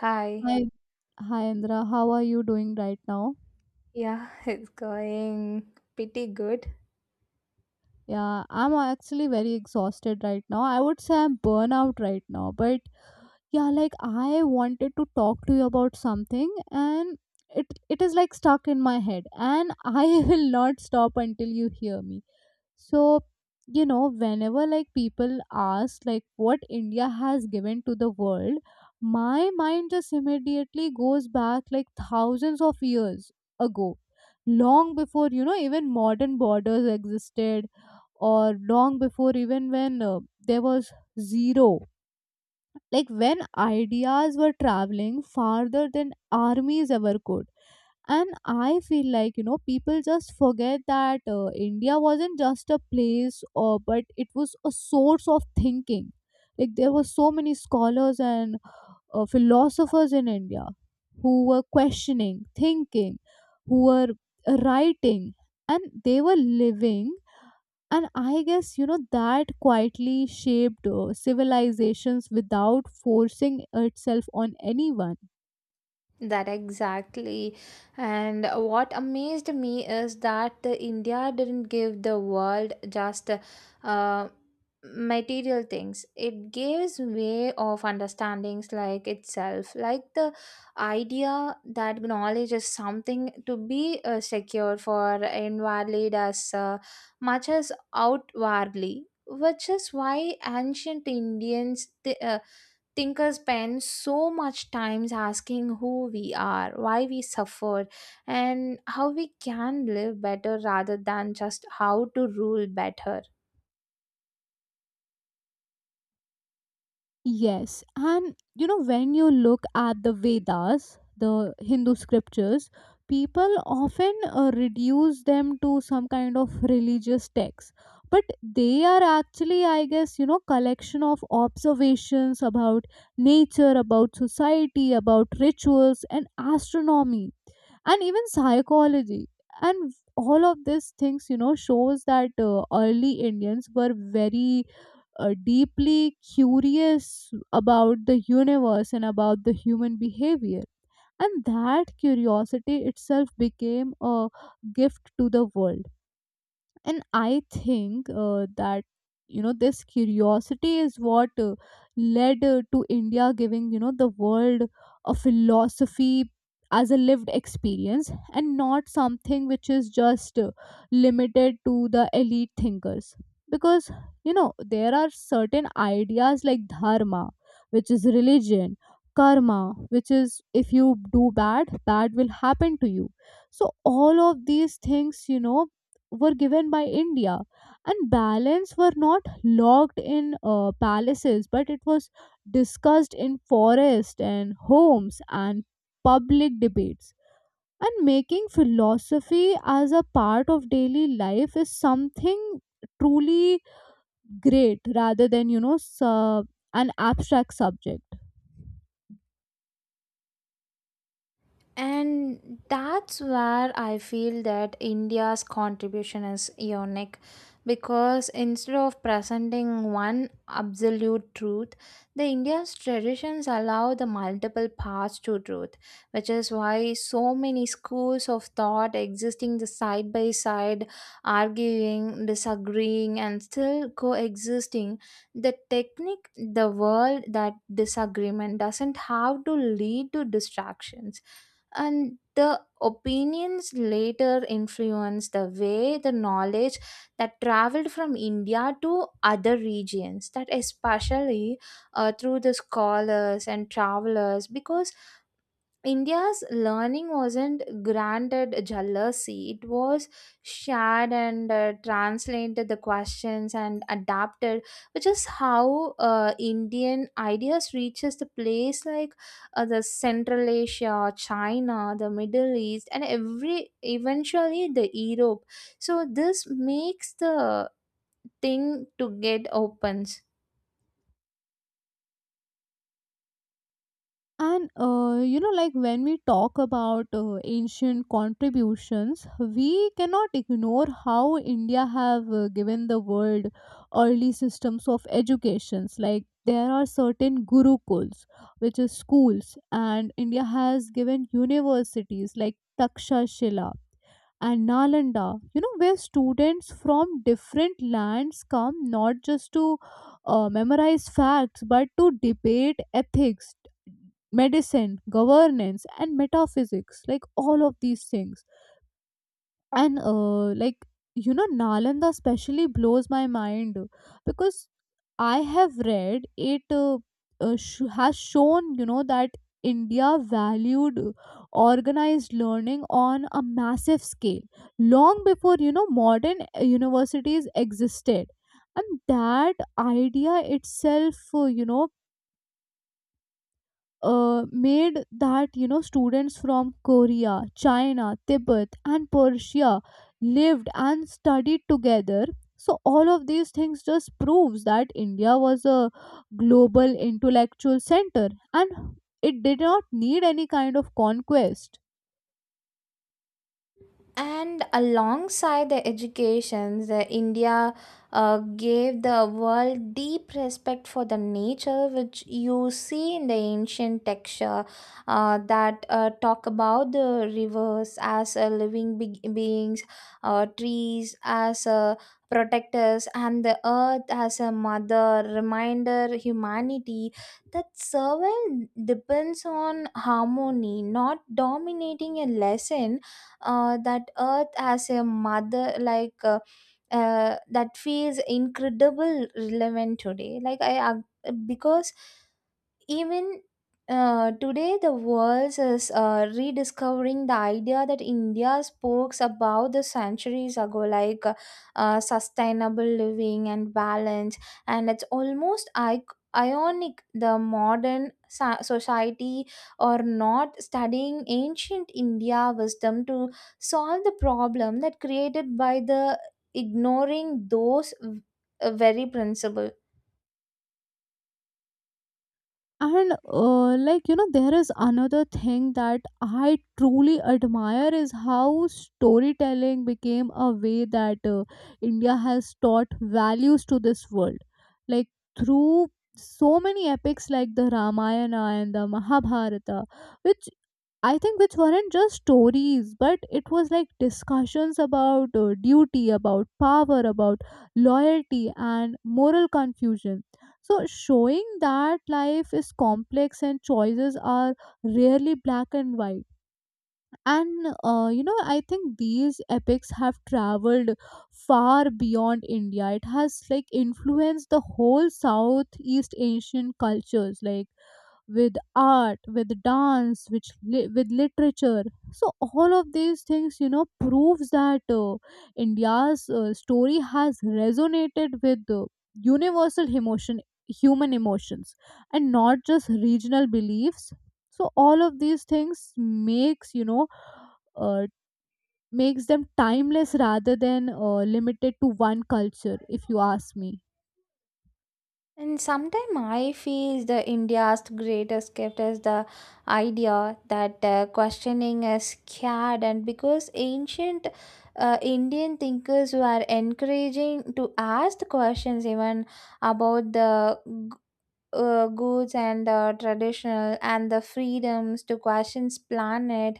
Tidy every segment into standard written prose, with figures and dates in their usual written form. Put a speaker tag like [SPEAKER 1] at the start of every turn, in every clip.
[SPEAKER 1] Hi.
[SPEAKER 2] Hi, hi Indra. How are you doing right now?
[SPEAKER 1] Yeah, it's going pretty good.
[SPEAKER 2] Yeah, I'm actually very exhausted right now. I would say I'm burnout right now, but yeah, like I wanted to talk to you about something and it is like stuck in my head and I will not stop until you hear me. So, you know, whenever like people ask like what India has given to the world, my mind just immediately goes back like thousands of years ago. Long before, you know, even modern borders existed, or long before even when there was zero, like when ideas were traveling farther than armies ever could. And I feel like, you know, people just forget that India wasn't just a place or but it was a source of thinking. Like, there were so many scholars and philosophers in India who were questioning, thinking, who were writing, and they were living. And I guess, you know, that quietly shaped civilizations without forcing itself on anyone.
[SPEAKER 1] That exactly. And what amazed me is that the India didn't give the world just uh, material things. It gives way of understandings like itself, like the idea that knowledge is something to be secure for inwardly as much as outwardly. Which is why ancient Indians, they, thinkers spend so much time asking who we are, why we suffer, and how we can live better rather than just how to rule better.
[SPEAKER 2] Yes, and you know, when you look at the Vedas, the Hindu scriptures, people often reduce them to some kind of religious text, but they are actually, I guess, you know, collection of observations about nature, about society, about rituals and astronomy and even psychology. And all of these things, you know, shows that early Indians were very deeply curious about the universe and about the human behavior. And that curiosity itself became a gift to the world. And I think that, you know, this curiosity is what led to India giving, you know, the world a philosophy as a lived experience and not something which is just limited to the elite thinkers. Because, you know, there are certain ideas like dharma, which is religion, karma, which is if you do bad, bad will happen to you. So all of these things, you know, were given by India, and balance were not locked in palaces, but it was discussed in forest and homes and public debates. And making philosophy as a part of daily life is something truly great rather than, you know, an abstract subject.
[SPEAKER 1] And that's where I feel that India's contribution is unique because instead of presenting one absolute truth, the India's traditions allow the multiple paths to truth, which is why so many schools of thought existing the side by side, arguing, disagreeing, and still coexisting. The technique, the world that disagreement doesn't have to lead to distractions and the opinions later influenced the way the knowledge that traveled from India to other regions, that especially through the scholars and travelers, because India's learning wasn't granted jealousy. It was shared and translated the questions and adapted, which is how Indian ideas reaches the place like the Central Asia, China, the Middle East, and every eventually the Europe. So this makes the thing to get opens.
[SPEAKER 2] And you know, like when we talk about ancient contributions, we cannot ignore how India have given the world early systems of educations. Like, there are certain gurukuls, which is schools, and India has given universities like Takshashila and Nalanda, you know, where students from different lands come not just to memorize facts but to debate ethics, medicine, governance, and metaphysics, like all of these things. And like, you know, Nalanda especially blows my mind because I have read it has shown, you know, that India valued organized learning on a massive scale long before, you know, modern universities existed. And that idea itself, you know, made that, you know, students from Korea, China, Tibet and Persia lived and studied together. So all of these things just proves that India was a global intellectual center and it did not need any kind of conquest.
[SPEAKER 1] And alongside the education, the India gave the world deep respect for the nature, which you see in the ancient texture that talk about the rivers as a living beings, trees as a protectors, and the earth as a mother. Reminder humanity that survival depends on harmony, not dominating a lesson that earth has a mother like that feels incredible relevant today like because even today the world is rediscovering the idea that India spoke about the centuries ago like sustainable living and balance and it's almost ionic the modern society or not studying ancient India wisdom to solve the problem that created by the ignoring those very principles.
[SPEAKER 2] And like, you know, there is another thing that I truly admire is how storytelling became a way that India has taught values to this world, like through so many epics like the Ramayana and the Mahabharata, which I think which weren't just stories, but it was like discussions about duty, about power, about loyalty, and moral confusion. So, showing that life is complex and choices are rarely black and white. And you know, I think these epics have traveled far beyond India. It has like influenced the whole Southeast Asian cultures, like with art, with dance, which with literature. So all of these things, you know, proves that India's story has resonated with universal emotion, human emotions, and not just regional beliefs. So all of these things makes, you know, uh, makes them timeless rather than limited to one culture, if you ask me.
[SPEAKER 1] And sometimes I feel the India's greatest gift is the idea that questioning is scared, and because ancient Indian thinkers were encouraging to ask the questions even about the goods and traditional and the freedoms to questions planet.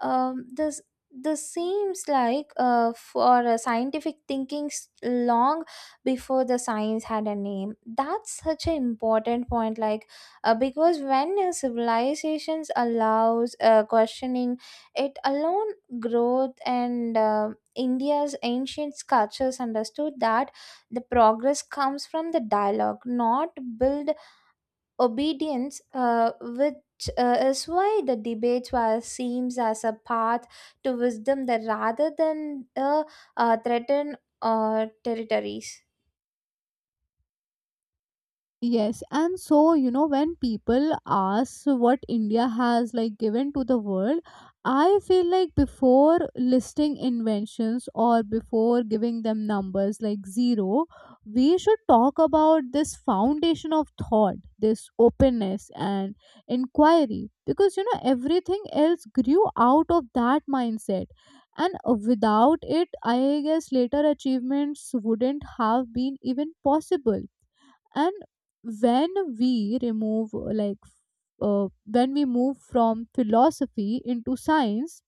[SPEAKER 1] um, this this seems like for a scientific thinking long before the science had a name. That's such an important point like because when a civilizations allows questioning it alone growth and India's ancient cultures understood that the progress comes from the dialogue not build obedience, which is why the debate was seems as a path to wisdom that rather than threaten territories.
[SPEAKER 2] Yes, and so, you know, when people ask what India has like given to the world, I feel like before listing inventions or before giving them numbers like zero, we should talk about this foundation of thought, this openness and inquiry, because, you know, everything else grew out of that mindset. And without it, I guess later achievements wouldn't have been even possible. And when we remove like when we move from philosophy into science,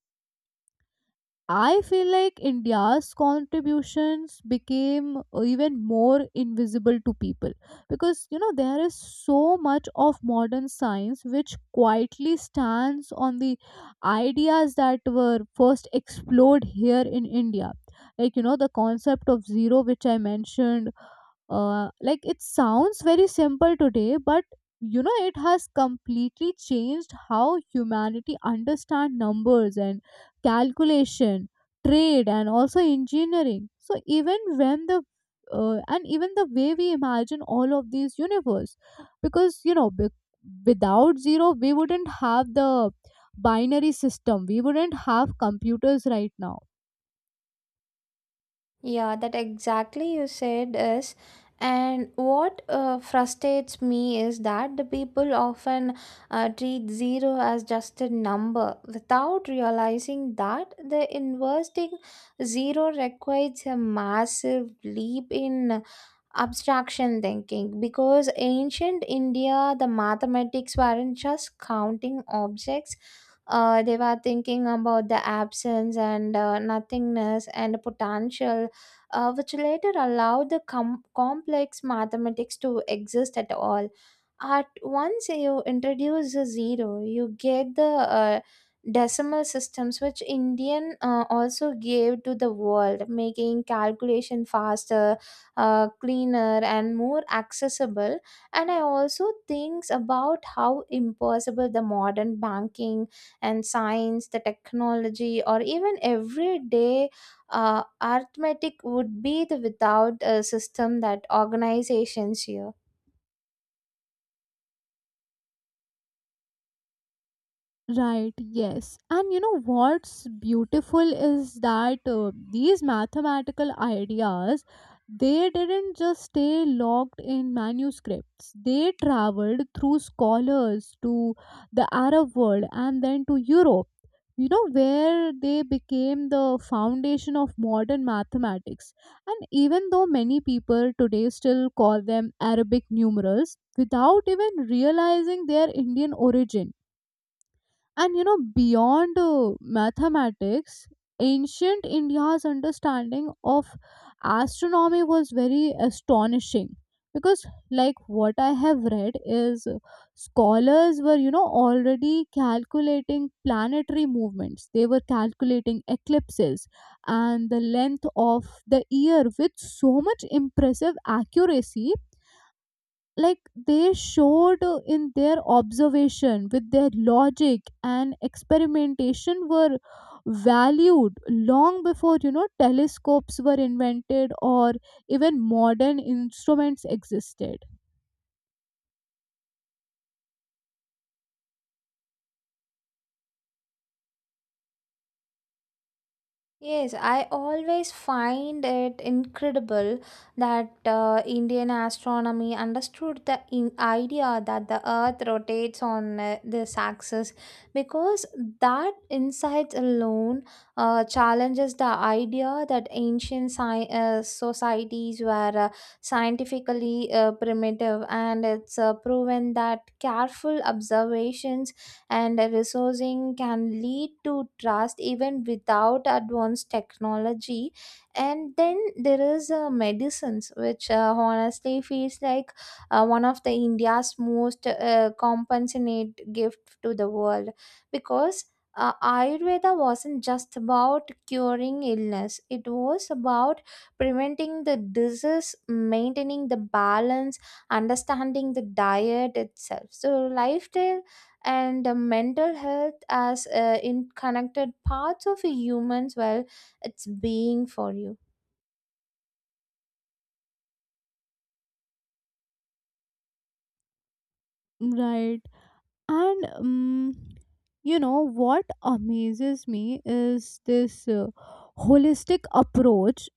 [SPEAKER 2] I feel like India's contributions became even more invisible to people, because, you know, there is so much of modern science which quietly stands on the ideas that were first explored here in India. Like, you know, the concept of zero, which I mentioned, like, it sounds very simple today, but, you know, it has completely changed how humanity understand numbers and calculation, trade, and also engineering. So even when the and even the way we imagine all of these universe, because, you know, without zero we wouldn't have the binary system. We wouldn't have computers right now.
[SPEAKER 1] Yeah, that exactly you said is. And what frustrates me is that the people often treat zero as just a number without realizing that the investing zero requires a massive leap in abstraction thinking because ancient India the mathematics weren't just counting objects, they were thinking about the absence and nothingness and potential, which later allowed the complex mathematics to exist at all. At once you introduce a zero, you get the decimal systems, which Indian also gave to the world, making calculation faster, cleaner, and more accessible. And I also think about how impossible the modern banking and science the technology or even everyday arithmetic would be the without a system that organizations here.
[SPEAKER 2] Right, yes. And you know what's beautiful is that these mathematical ideas, they didn't just stay locked in manuscripts. They traveled through scholars to the Arab world and then to Europe. You know, where they became the foundation of modern mathematics. And even though many people today still call them Arabic numerals without even realizing their Indian origin. And you know, beyond mathematics, ancient India's understanding of astronomy was very astonishing, because, like, what I have read is scholars were, you know, already calculating planetary movements, they were calculating eclipses and the length of the year with so much impressive accuracy. Like, they showed in their observation, with their logic and experimentation were valued long before, you know, telescopes were invented or even modern instruments existed.
[SPEAKER 1] Yes, I always find it incredible that Indian astronomy understood the in idea that the Earth rotates on this axis because that insight alone challenges the idea that ancient societies were scientifically primitive, and it's proven that careful observations and resourcing can lead to trust even without advanced technology. And then there is medicines which honestly feels like one of the India's most compassionate gift to the world because ayurveda wasn't just about curing illness. It was about preventing the disease, maintaining the balance, understanding the diet itself so lifestyle and mental health as in connected parts of a human's well it's being for you.
[SPEAKER 2] Right, and you know what amazes me is this holistic approach.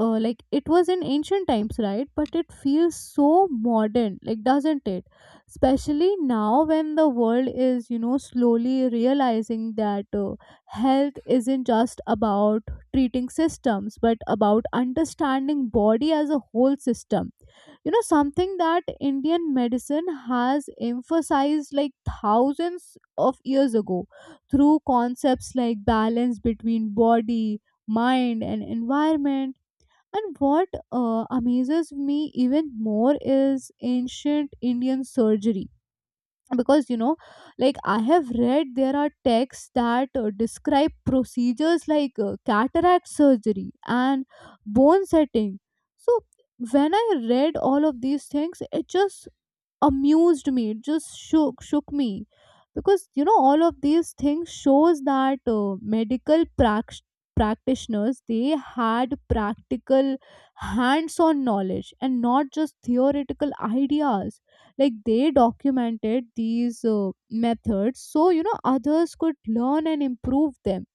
[SPEAKER 2] Like, it was in ancient times, right, but it feels so modern, like, doesn't it, especially now when the world is, you know, slowly realizing that health isn't just about treating systems but about understanding body as a whole system, you know, something that Indian medicine has emphasized like thousands of years ago through concepts like balance between body, mind and environment. And what amazes me even more is ancient Indian surgery. Because, you know, like, I have read there are texts that describe procedures like cataract surgery and bone setting. So, when I read all of these things, it just amused me, it just shook me, because, you know, all of these things shows that medical practitioners, they had practical hands on knowledge and not just theoretical ideas. Like, they documented these methods so, you know, others could learn and improve them.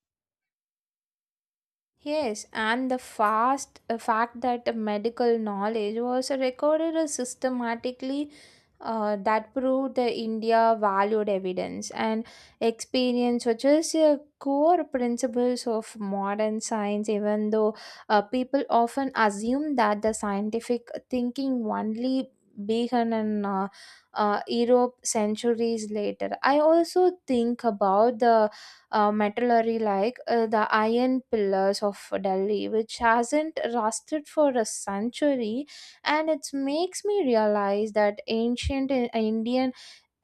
[SPEAKER 1] Yes, and the fast fact that the medical knowledge was recorded systematically that proved the India valued evidence and experience, which is core principles of modern science. Even though people often assume that the scientific thinking only began in Europe centuries later, I also think about the metallurgy like the iron pillars of Delhi, which hasn't rusted for a century. And it makes me realize that ancient Indian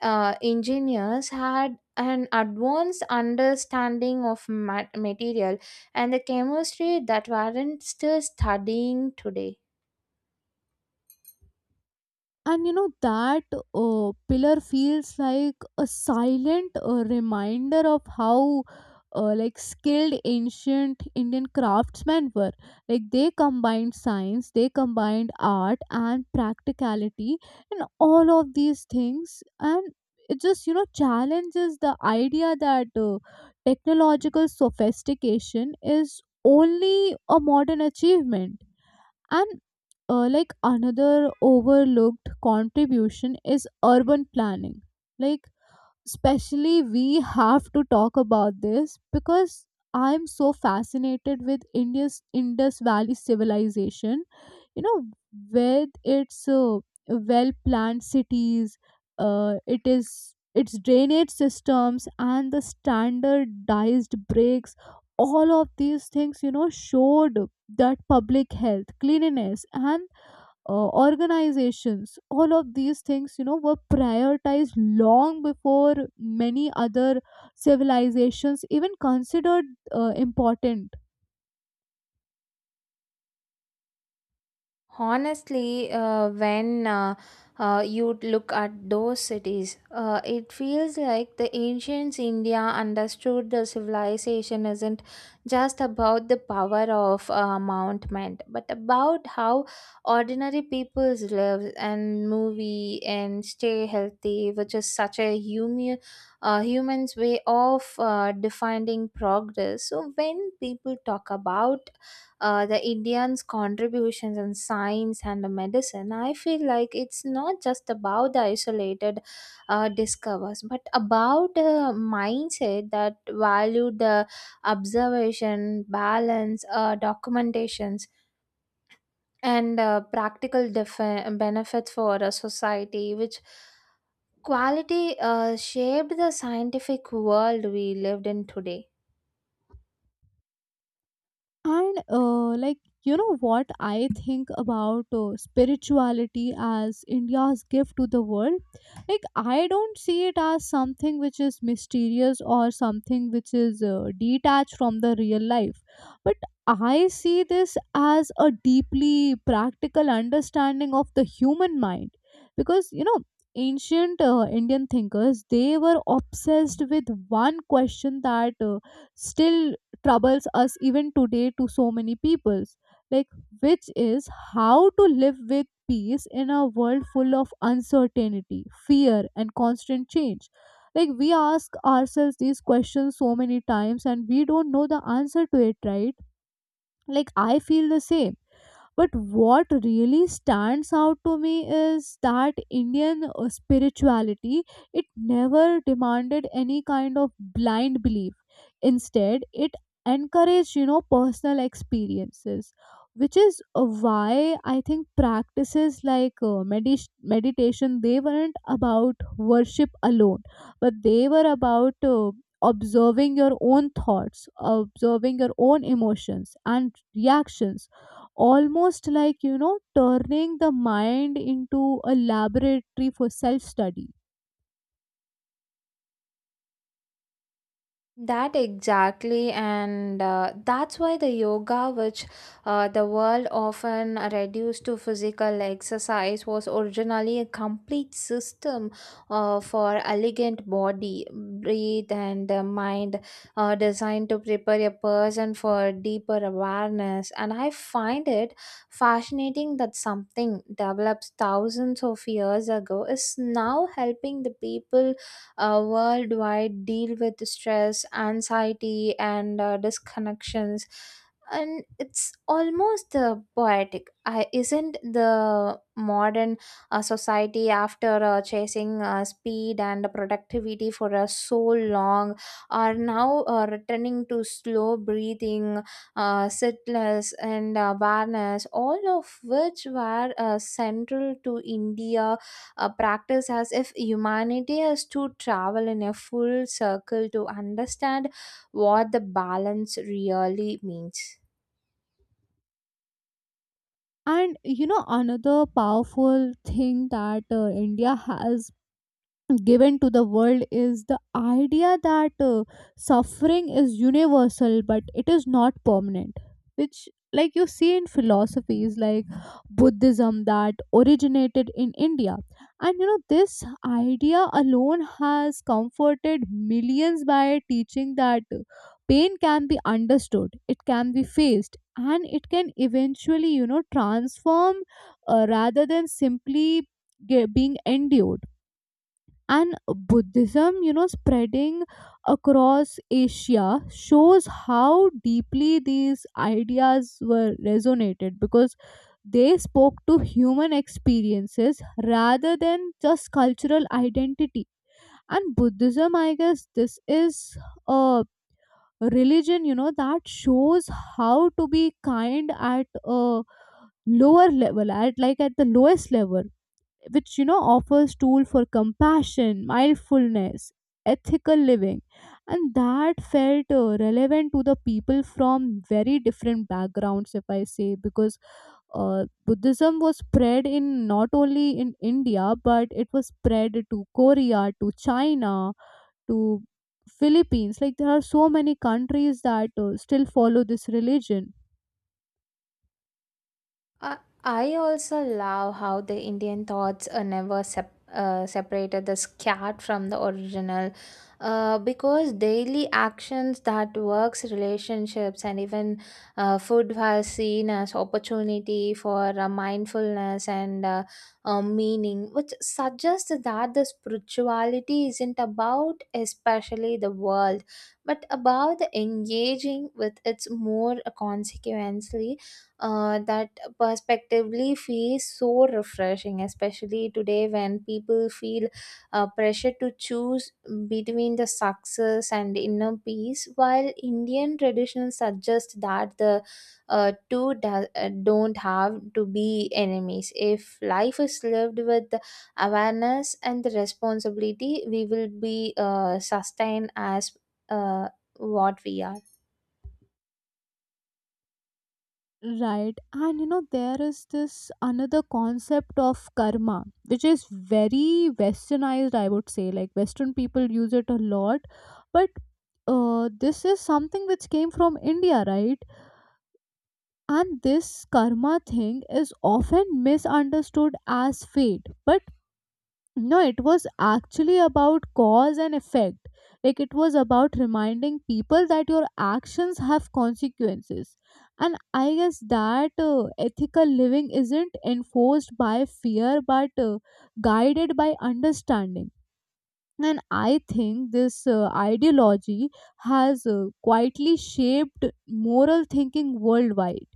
[SPEAKER 1] engineers had an advanced understanding of material and the chemistry that weren't still studying today.
[SPEAKER 2] And you know that pillar feels like a silent reminder of how like, skilled ancient Indian craftsmen were. Like, they combined science, they combined art and practicality and all of these things. And it just, you know, challenges the idea that technological sophistication is only a modern achievement. And like, another overlooked contribution is urban planning. Like, especially we have to talk about this because I'm so fascinated with India's Indus Valley civilization, you know, with its well planned cities, it is its drainage systems and the standardized breaks. All of these things, you know, showed that public health, cleanliness and organizations, all of these things, you know, were prioritized long before many other civilizations even considered important.
[SPEAKER 1] Honestly, when you look at those cities, it feels like the ancient India understood the civilization isn't just about the power of mountain, but about how ordinary peoples live and movie and stay healthy, which is such a human human's way of defining progress. So when people talk about the Indians' contributions in science and medicine, I feel like it's not just about the isolated discovers, but about a mindset that valued the observation, balance, documentations, and practical benefits for a society, which quality shaped the scientific world we lived in today.
[SPEAKER 2] And like, you know, what I think about spirituality as India's gift to the world. Like, I don't see it as something which is mysterious or something which is detached from the real life, but I see this as a deeply practical understanding of the human mind. Because, you know, ancient Indian thinkers, they were obsessed with one question that still troubles us even today to so many peoples, like, which is how to live with peace in a world full of uncertainty, fear and constant change. Like, we ask ourselves these questions so many times and we don't know the answer to it, right? Like, I feel the same. But what really stands out to me is that Indian spirituality, it never demanded any kind of blind belief. Instead, it encouraged, personal experiences, which is why I think practices like meditation. They weren't about worship alone, but they were about observing your own thoughts, observing your own emotions and reactions, almost like turning the mind into a laboratory for self study.
[SPEAKER 1] That exactly, and that's why the yoga, which the world often reduced to physical exercise, was originally a complete system for elegant body, breathe, and mind, designed to prepare a person for deeper awareness. And I find it fascinating that something developed thousands of years ago is now helping the people worldwide deal with stress, anxiety, and disconnections. And it's almost poetic. Isn't the modern society after chasing speed and productivity for so long are now returning to slow breathing, sitless, and awareness, all of which were central to India a practice as if humanity has to travel in a full circle to understand what the balance really means.
[SPEAKER 2] And another powerful thing that india has given to the world is the idea that suffering is universal, but it is not permanent, which, like, you see in philosophies like buddhism that originated in india. And this idea alone has comforted millions by teaching that pain can be understood, it can be faced, and it can eventually, transform, rather than simply being endured. And buddhism, spreading across asia, shows how deeply these ideas were resonated, because they spoke to human experiences rather than just cultural identity. And buddhism, I guess, this is a religion, that shows how to be kind at a lower level, at like at the lowest level, which, offers tool for compassion, mindfulness, ethical living. And that felt relevant to the people from very different backgrounds, if I say, because buddhism was spread in not only in india, but it was spread to korea, to china, to philippines. Like there are so many countries that still follow this religion.
[SPEAKER 1] I I also love how the Indian thoughts are never separated the scat from the original, because daily actions that works, relationships, and even food was seen as opportunity for mindfulness and meaning, which suggests that the spirituality isn't about especially the world, but about the engaging with its more consequently that perspectively feels so refreshing, especially today when people feel pressure to choose between the success and inner peace, while Indian tradition suggests that the two don't have to be enemies. If life is lived with awareness and the responsibility, we will be sustained as uh, what we are.
[SPEAKER 2] Right. And you know, there is this another concept of karma, which is very westernized, I would say. Like, Western people use it a lot. But this is something which came from India, right? And this karma thing is often misunderstood as fate. But no, it was actually about cause and effect. Like, it was about reminding people that your actions have consequences. And I guess that ethical living isn't enforced by fear but guided by understanding. And I think this ideology has quietly shaped moral thinking worldwide.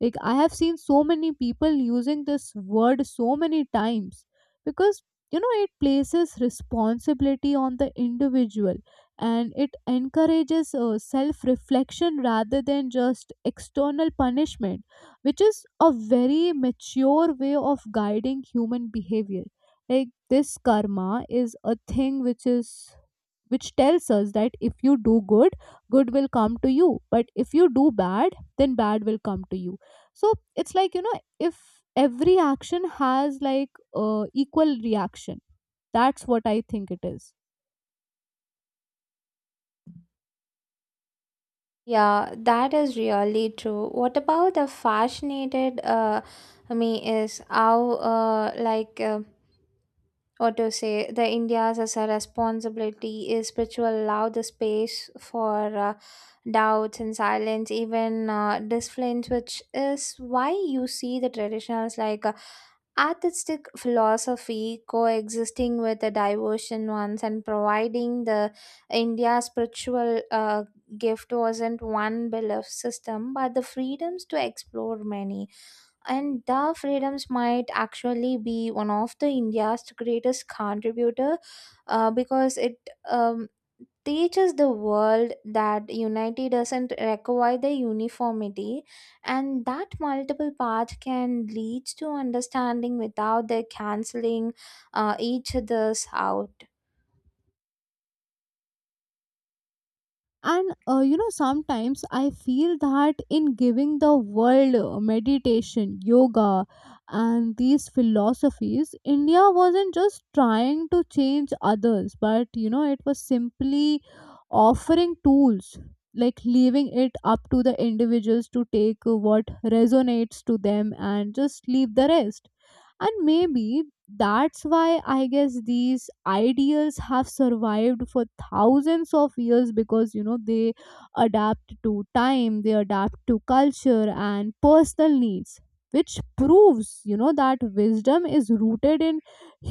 [SPEAKER 2] Like, I have seen so many people using this word so many times because, you know, it places responsibility on the individual, and it encourages self reflection rather than just external punishment, which is a very mature way of guiding human behavior. Like, this karma is a thing which is, which tells us that if you do good, good will come to you, but if you do bad, then bad will come to you. So it's like, you know, if every action has like equal reaction. That's what I think it is.
[SPEAKER 1] Yeah, that is really true. What about the fascinated me is how what to say the India's as a responsibility is spiritual allow the space for doubts and silence, even disciplines, which is why you see the traditionals like Artistic philosophy coexisting with the diversion ones and providing the India spiritual gift wasn't one belief system, but the freedoms to explore many and the freedoms might actually be one of the India's greatest contributor because it teaches the world that unity doesn't require the uniformity and that multiple paths can lead to understanding without the canceling each other's out.
[SPEAKER 2] And you know, sometimes I feel that in giving the world meditation, yoga, and these philosophies, india wasn't just trying to change others, but, you know, it was simply offering tools, like leaving it up to the individuals to take what resonates to them and just leave the rest. And maybe that's why I guess these ideas have survived for thousands of years, because, you know, they adapt to time, they adapt to culture and personal needs, which proves, you know, that wisdom is rooted in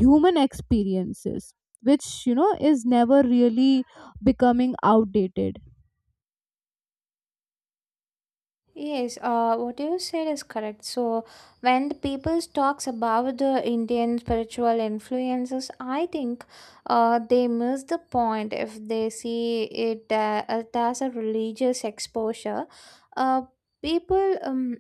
[SPEAKER 2] human experiences, which, you know, is never really becoming outdated.
[SPEAKER 1] Yes, what you said is correct. So, when the people talks about the Indian spiritual influences, I think they miss the point if they see it it as a religious exposure. Uh, people,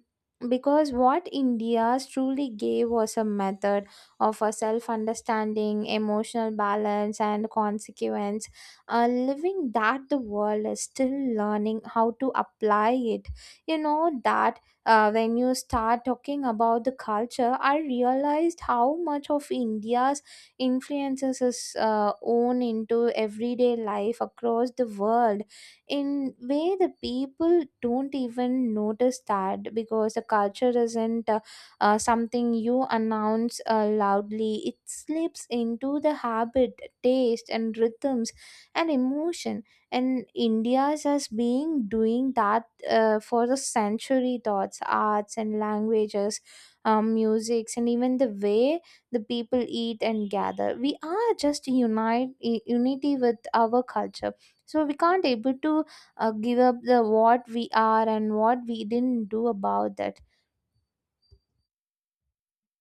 [SPEAKER 1] because what India truly gave was a method of a self-understanding, emotional balance, and consequence. Living that the world is still learning how to apply it. You know that when you start talking about the culture I realized how much of India's influences is own into everyday life across the world in way the people don't even notice that because the culture isn't something you announce loudly. It slips into the habit taste and rhythms and emotion and India's has been doing that for the century thoughts arts and languages, musics and even the way the people eat and gather. We are just unite unity with our culture so we can't able to give up the what we are and what we didn't do about that.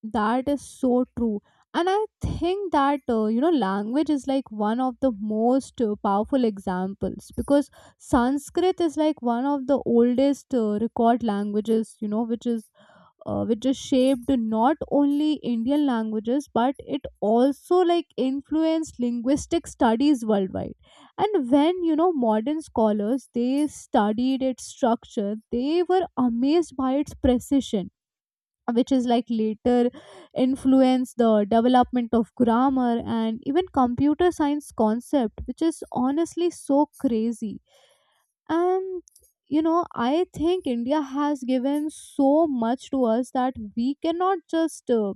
[SPEAKER 2] That is so true. And I think that, you know, language is like one of the most powerful examples, because Sanskrit is like one of the oldest record languages, you know, which is shaped not only Indian languages, but it also like influenced linguistic studies worldwide. And when, you know, modern scholars, they studied its structure, they were amazed by its precision, which is like later influence the development of grammar and even computer science concept, which is honestly so crazy. And, you know, I think india has given so much to us that we cannot just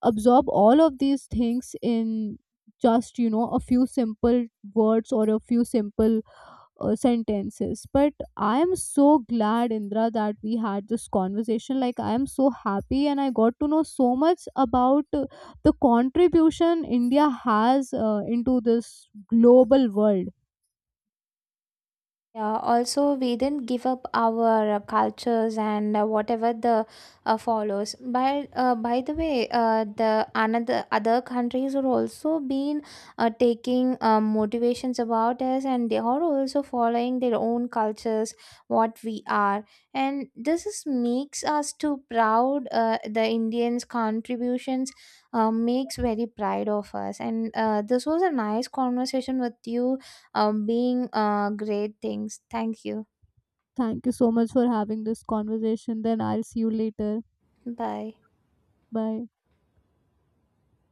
[SPEAKER 2] absorb all of these things in just, you know, a few simple words or a few simple sentences. But I am so glad, indra, that we had this conversation. Like, I am so happy, and I got to know so much about the contribution india has into this global world.
[SPEAKER 1] Yeah, also we didn't give up our cultures and whatever the follows. By the way, the another other countries are also been taking motivations about us, and they are also following their own cultures, what we are, and this is makes us too proud. The Indians' contributions makes very pride of us, and this was a nice conversation with you being great things. Thank you.
[SPEAKER 2] Thank you so much for having this conversation. Then I'll see you later.
[SPEAKER 1] Bye.
[SPEAKER 2] Bye.